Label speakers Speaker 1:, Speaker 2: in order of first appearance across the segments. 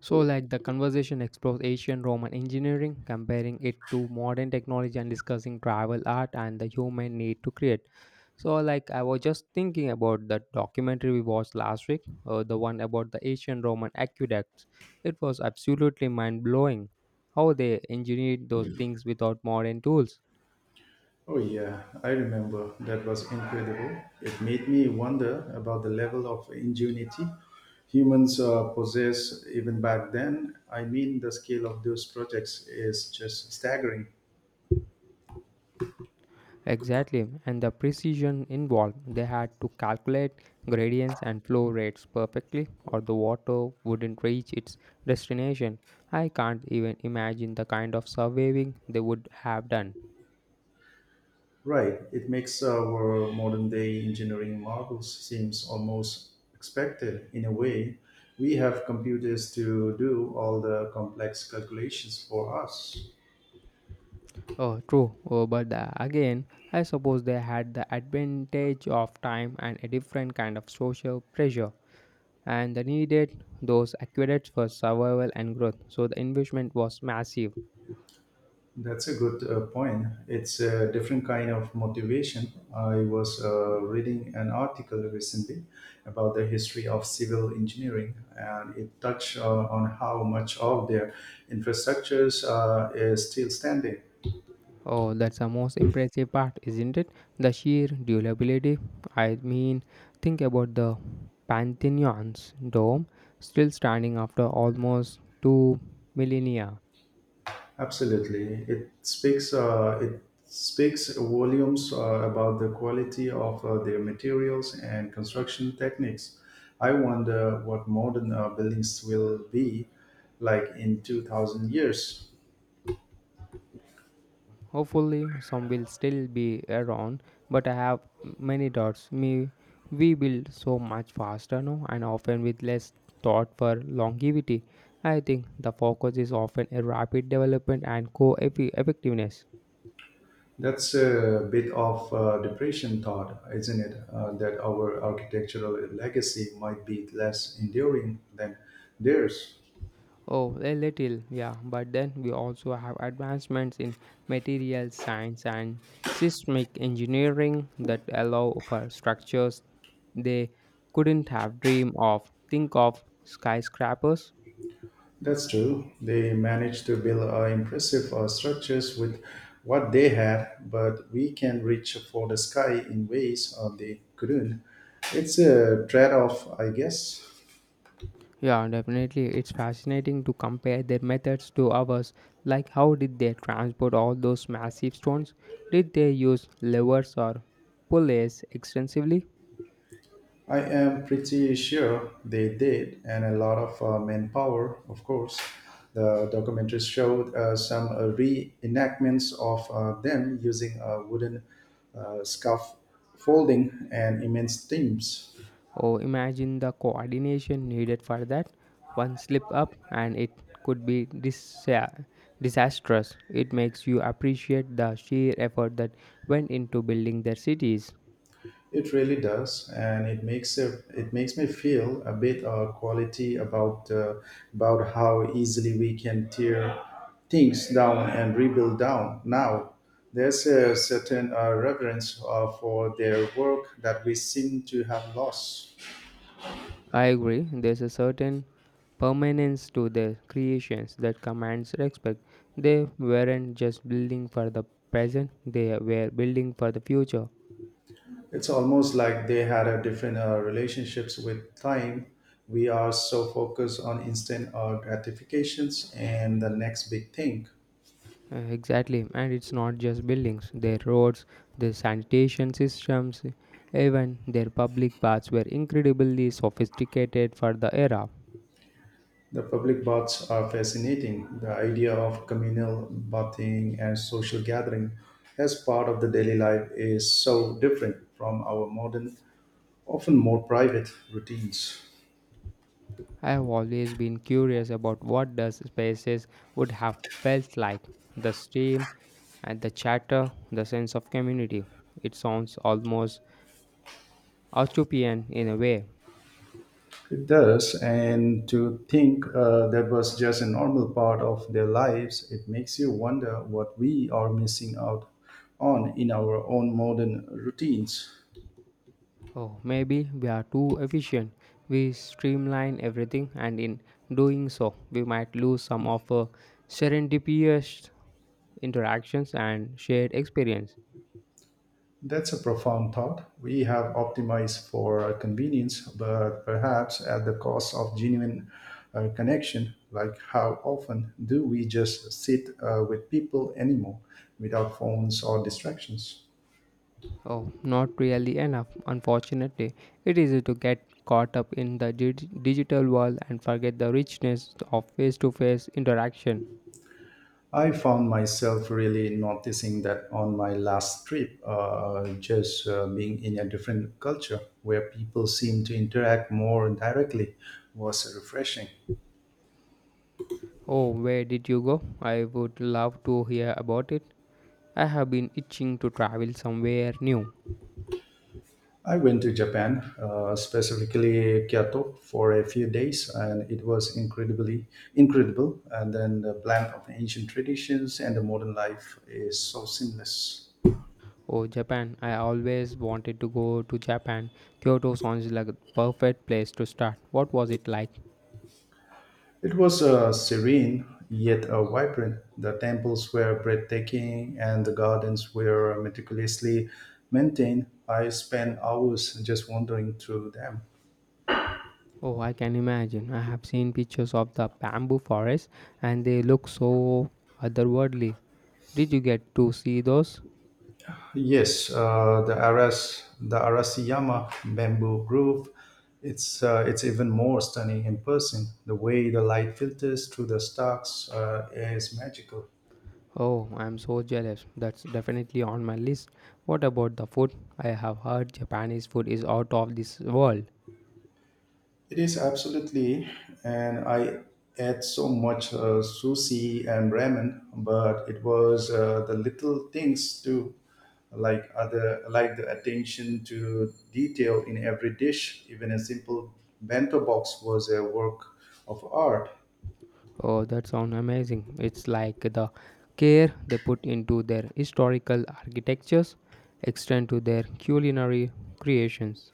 Speaker 1: So, like the conversation explores ancient Roman engineering, comparing it to modern technology, and discussing travel art and the human need to create. So, like I was just thinking about that documentary we watched last week, the one about the ancient Roman aqueducts. It was absolutely mind blowing how they engineered those things without modern tools.
Speaker 2: Oh, yeah, I remember. That was incredible. It made me wonder about the level of ingenuity humans possess even back then. I mean, the scale of those projects is just staggering.
Speaker 1: Exactly, and the precision involved. They had to calculate gradients and flow rates perfectly, or the water wouldn't reach its destination. I can't even imagine the kind of surveying they would have done.
Speaker 2: Right, it makes our modern day engineering marvels seems almost expected in a way. We have computers to do all the complex calculations for us.
Speaker 1: Oh, true. Again, I suppose they had the advantage of time and a different kind of social pressure, and they needed those aqueducts for survival and growth. So the investment was massive.
Speaker 2: That's a good point. It's a different kind of motivation. I was reading an article recently about the history of civil engineering, and it touched on how much of their infrastructures is still standing.
Speaker 1: Oh, that's the most impressive part, isn't it? The sheer durability. I mean, think about the Pantheon's dome still standing after almost two millennia.
Speaker 2: Absolutely, it speaks volumes about the quality of their materials and construction techniques. I wonder what modern buildings will be like in 2,000 years.
Speaker 1: Hopefully, some will still be around, but I have many doubts. Me, we build so much faster now, and often with less thought for longevity. I think the focus is often a rapid development and co-effectiveness.
Speaker 2: That's a bit of depression thought, isn't it? That our architectural legacy might be less enduring than theirs.
Speaker 1: Oh, a little, yeah. But then we also have advancements in material science and seismic engineering that allow for structures they couldn't have dreamed of. Think of skyscrapers.
Speaker 2: That's true. They managed to build impressive structures with what they had, but we can reach for the sky in ways they couldn't. It's a trade off, I guess.
Speaker 1: Yeah, definitely. It's fascinating to compare their methods to ours. Like, how did they transport all those massive stones? Did they use levers or pulleys extensively?
Speaker 2: I am pretty sure they did, and a lot of manpower, of course. The documentaries showed some reenactments of them using wooden scaffolding and immense teams.
Speaker 1: Oh, imagine the coordination needed for that. One slip up and it could be disastrous. It makes you appreciate the sheer effort that went into building their cities.
Speaker 2: It really does, and it makes me feel a bit of quality about how easily we can tear things down and rebuild down. Now, there's a certain reverence for their work that we seem to have lost.
Speaker 1: I agree, there's a certain permanence to their creations that commands respect. They weren't just building for the present, they were building for the future.
Speaker 2: It's almost like they had a different relationships with time. We are so focused on instant gratifications and the next big thing.
Speaker 1: Exactly, and it's not just buildings, their roads, their sanitation systems, even their public baths were incredibly sophisticated for the era.
Speaker 2: The public baths are fascinating. The idea of communal bathing and social gathering as part of the daily life is so different from our modern, often more private routines.
Speaker 1: I have always been curious about what those spaces would have felt like, the steam and the chatter, the sense of community. It sounds almost utopian in a way.
Speaker 2: It does, and to think that was just a normal part of their lives, it makes you wonder what we are missing out on in our own modern routines.
Speaker 1: Oh, maybe we are too efficient. We streamline everything, and in doing so, we might lose some of serendipitous interactions and shared experience.
Speaker 2: That's a profound thought. We have optimized for convenience, but perhaps at the cost of genuine connection. Like, how often do we just sit with people anymore without phones or distractions?
Speaker 1: Oh, not really enough, unfortunately. It is easy to get caught up in the digital world and forget the richness of face to face interaction.
Speaker 2: I found myself really noticing that on my last trip, just being in a different culture where people seem to interact more directly was refreshing.
Speaker 1: Oh, where did you go? I would love to hear about it. I have been itching to travel somewhere new.
Speaker 2: I went to Japan, specifically Kyoto, for a few days, and it was incredibly incredible. And then the blend of ancient traditions and the modern life is so seamless.
Speaker 1: Oh, Japan. I always wanted to go to Japan. Kyoto sounds like a perfect place to start. What was it like?
Speaker 2: It was serene yet vibrant. The temples were breathtaking, and the gardens were meticulously maintained. I spent hours just wandering through them.
Speaker 1: Oh, I can imagine. I have seen pictures of the bamboo forest and they look so otherworldly. Did you get to see those?
Speaker 2: Yes, the Arasiyama bamboo grove. It's even more stunning in person. The way the light filters through the stalks is magical.
Speaker 1: Oh, I'm so jealous. That's definitely on my list. What about the food? I have heard Japanese food is out of this world.
Speaker 2: It is absolutely, and I ate so much sushi and ramen, but it was the little things too, like the attention to detail in every dish. Even a simple bento box was a work of art.
Speaker 1: Oh, that sounds amazing. It's like the care they put into their historical architectures extend to their culinary creations.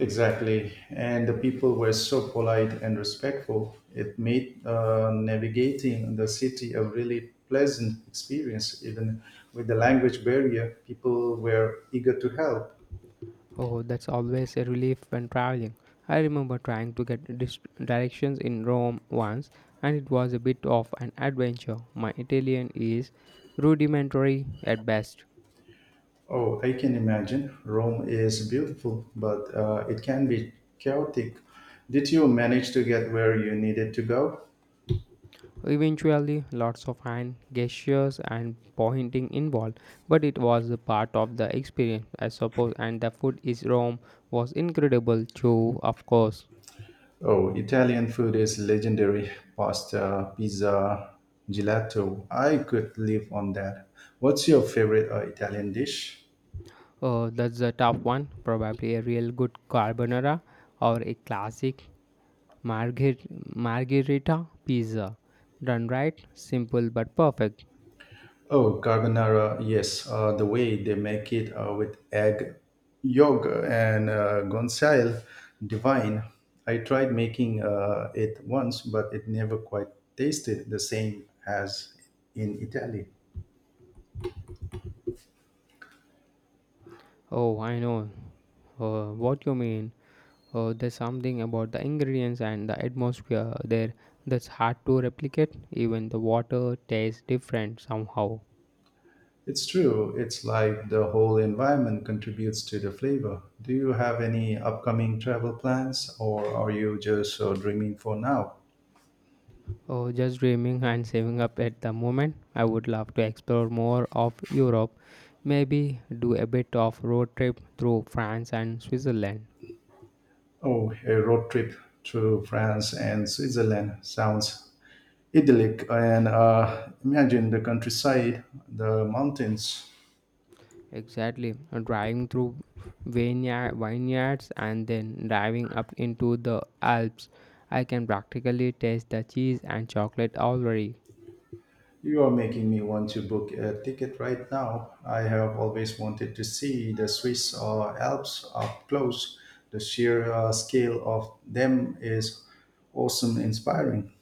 Speaker 2: Exactly. And the people were so polite and respectful. It made navigating the city a really pleasant experience. Even with the language barrier, people were eager to help.
Speaker 1: Oh, that's always a relief when traveling. I remember trying to get directions in Rome once, and it was a bit of an adventure. My Italian is rudimentary at best.
Speaker 2: Oh, I can imagine. Rome is beautiful, but it can be chaotic. Did you manage to get where you needed to go?
Speaker 1: Eventually, lots of hand gestures and pointing involved, but it was a part of the experience, I suppose. And the food is Rome was incredible too, of course.
Speaker 2: Oh, Italian food is legendary. Pasta, pizza, gelato. I could live on that. What's your favorite Italian dish?
Speaker 1: That's the tough one, probably a real good carbonara or a classic margher- margherita pizza. Done right, simple but perfect.
Speaker 2: Oh, carbonara. Yes, the way they make it with egg, yolk, and guanciale, divine. I tried making it once, but it never quite tasted the same as in Italy.
Speaker 1: Oh, I know what you mean. There's something about the ingredients and the atmosphere there that's hard to replicate. Even the water tastes different somehow.
Speaker 2: It's true. It's like the whole environment contributes to the flavor. Do you have any upcoming travel plans or are you just dreaming for now?
Speaker 1: Oh, just dreaming and saving up at the moment. I would love to explore more of Europe. Maybe do a bit of road trip through France and Switzerland.
Speaker 2: Oh, a road trip through France and Switzerland sounds idyllic. And imagine the countryside, the mountains.
Speaker 1: Exactly, driving through vineyards and then driving up into the Alps. I can practically taste the cheese and chocolate already.
Speaker 2: You are making me want to book a ticket right now. I have always wanted to see the Swiss Alps up close. The sheer scale of them is awesome inspiring.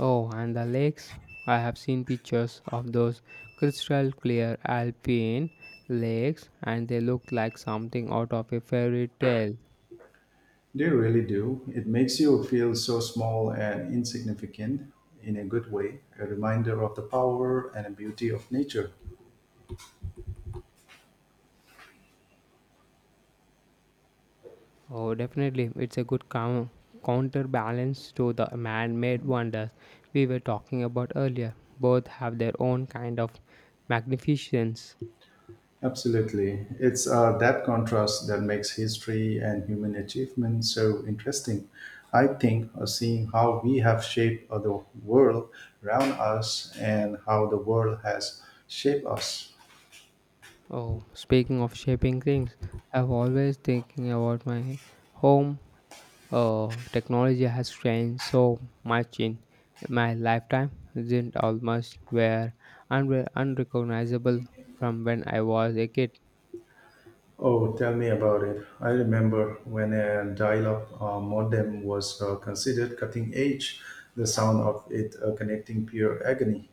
Speaker 1: Oh, and the lakes. I have seen pictures of those crystal clear alpine lakes and they look like something out of a fairy tale.
Speaker 2: They really do. It makes you feel so small and insignificant in a good way, a reminder of the power and beauty of nature.
Speaker 1: Oh, definitely. It's a good counterbalance to the man made wonders we were talking about earlier. Both have their own kind of magnificence.
Speaker 2: Absolutely. It's That contrast that makes history and human achievement so interesting. I think seeing how we have shaped the world around us and how the world has shaped us.
Speaker 1: Oh, speaking of shaping things, I've always thinking about my home. Technology has changed so much in my lifetime, isn't almost were unrecognizable from when I was a kid.
Speaker 2: Oh, tell me about it. I remember when a dial up modem was considered cutting edge, the sound of it connecting pure agony.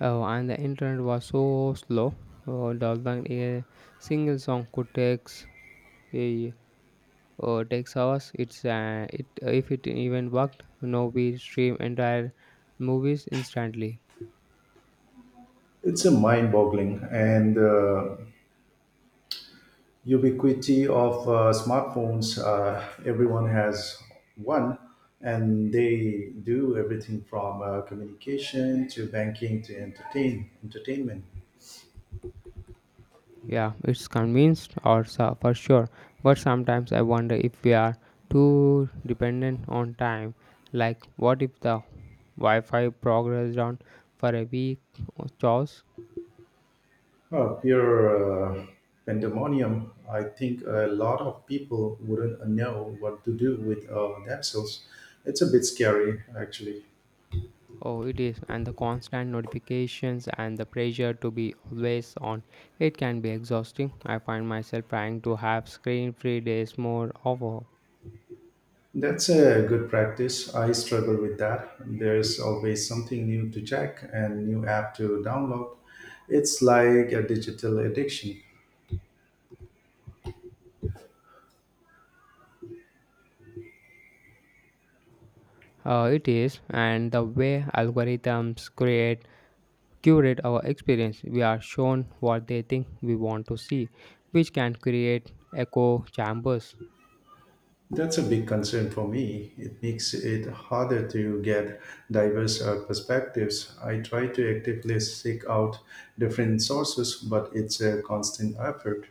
Speaker 1: Oh, and the internet was so slow. Oh, downloading a single song could take a takes hours. It's it if it even worked. No, we stream entire movies instantly.
Speaker 2: It's a mind boggling and ubiquity of smartphones. Everyone has one, and they do everything from communication to banking to entertainment.
Speaker 1: Yeah, it's convinced or so for sure. But sometimes I wonder if we are too dependent on time. Like, what if the Wi-Fi progress down for a week or chows?
Speaker 2: Oh, pure pandemonium. I think a lot of people wouldn't know what to do with themselves. It's a bit scary, actually.
Speaker 1: Oh, it is, and the constant notifications and the pressure to be always on. It can be exhausting. I find myself trying to have screen-free days more often.
Speaker 2: That's a good practice. I struggle with that. There's always something new to check and new app to download. It's like a digital addiction.
Speaker 1: It is, and the way algorithms create curate our experience. We are shown what they think we want to see, which can create echo chambers.
Speaker 2: That's a big concern for me. It makes it harder to get diverse perspectives. I try to actively seek out different sources, but it's a constant effort.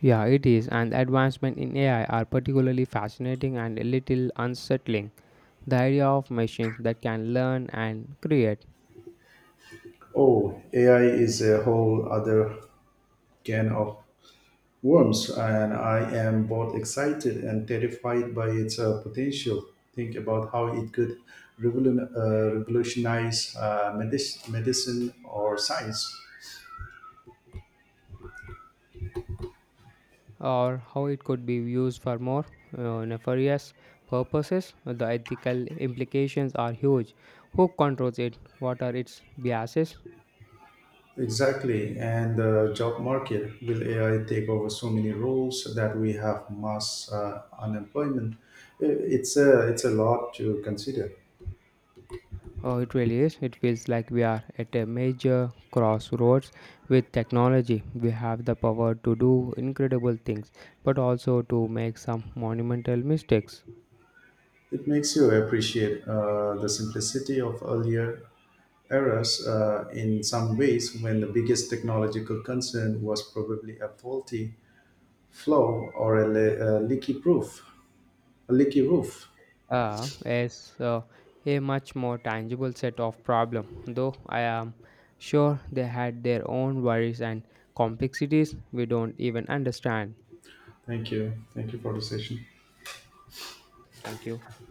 Speaker 1: Yeah, it is, and advancement in AI are particularly fascinating and a little unsettling. The idea of machines that can learn and create,
Speaker 2: Oh, AI is a whole other can of worms, and I am both excited and terrified by its potential. Think about how it could revolutionize medicine or science.
Speaker 1: or how it could be used for more nefarious purposes. The ethical implications are huge. Who controls it? What are its biases?
Speaker 2: Exactly, and the job market. Will AI take over so many roles that we have mass unemployment? It's a lot to consider.
Speaker 1: Oh, it really is. It feels like we are at a major crossroads with technology. We have the power to do incredible things, but also to make some monumental mistakes.
Speaker 2: It makes you appreciate the simplicity of earlier errors in some ways when the biggest technological concern was probably a faulty flow or a leaky roof. A leaky roof.
Speaker 1: As A much more tangible set of problem, though I am sure they had their own worries and complexities we don't even understand.
Speaker 2: Thank you. Thank you for the session.
Speaker 1: Thank you.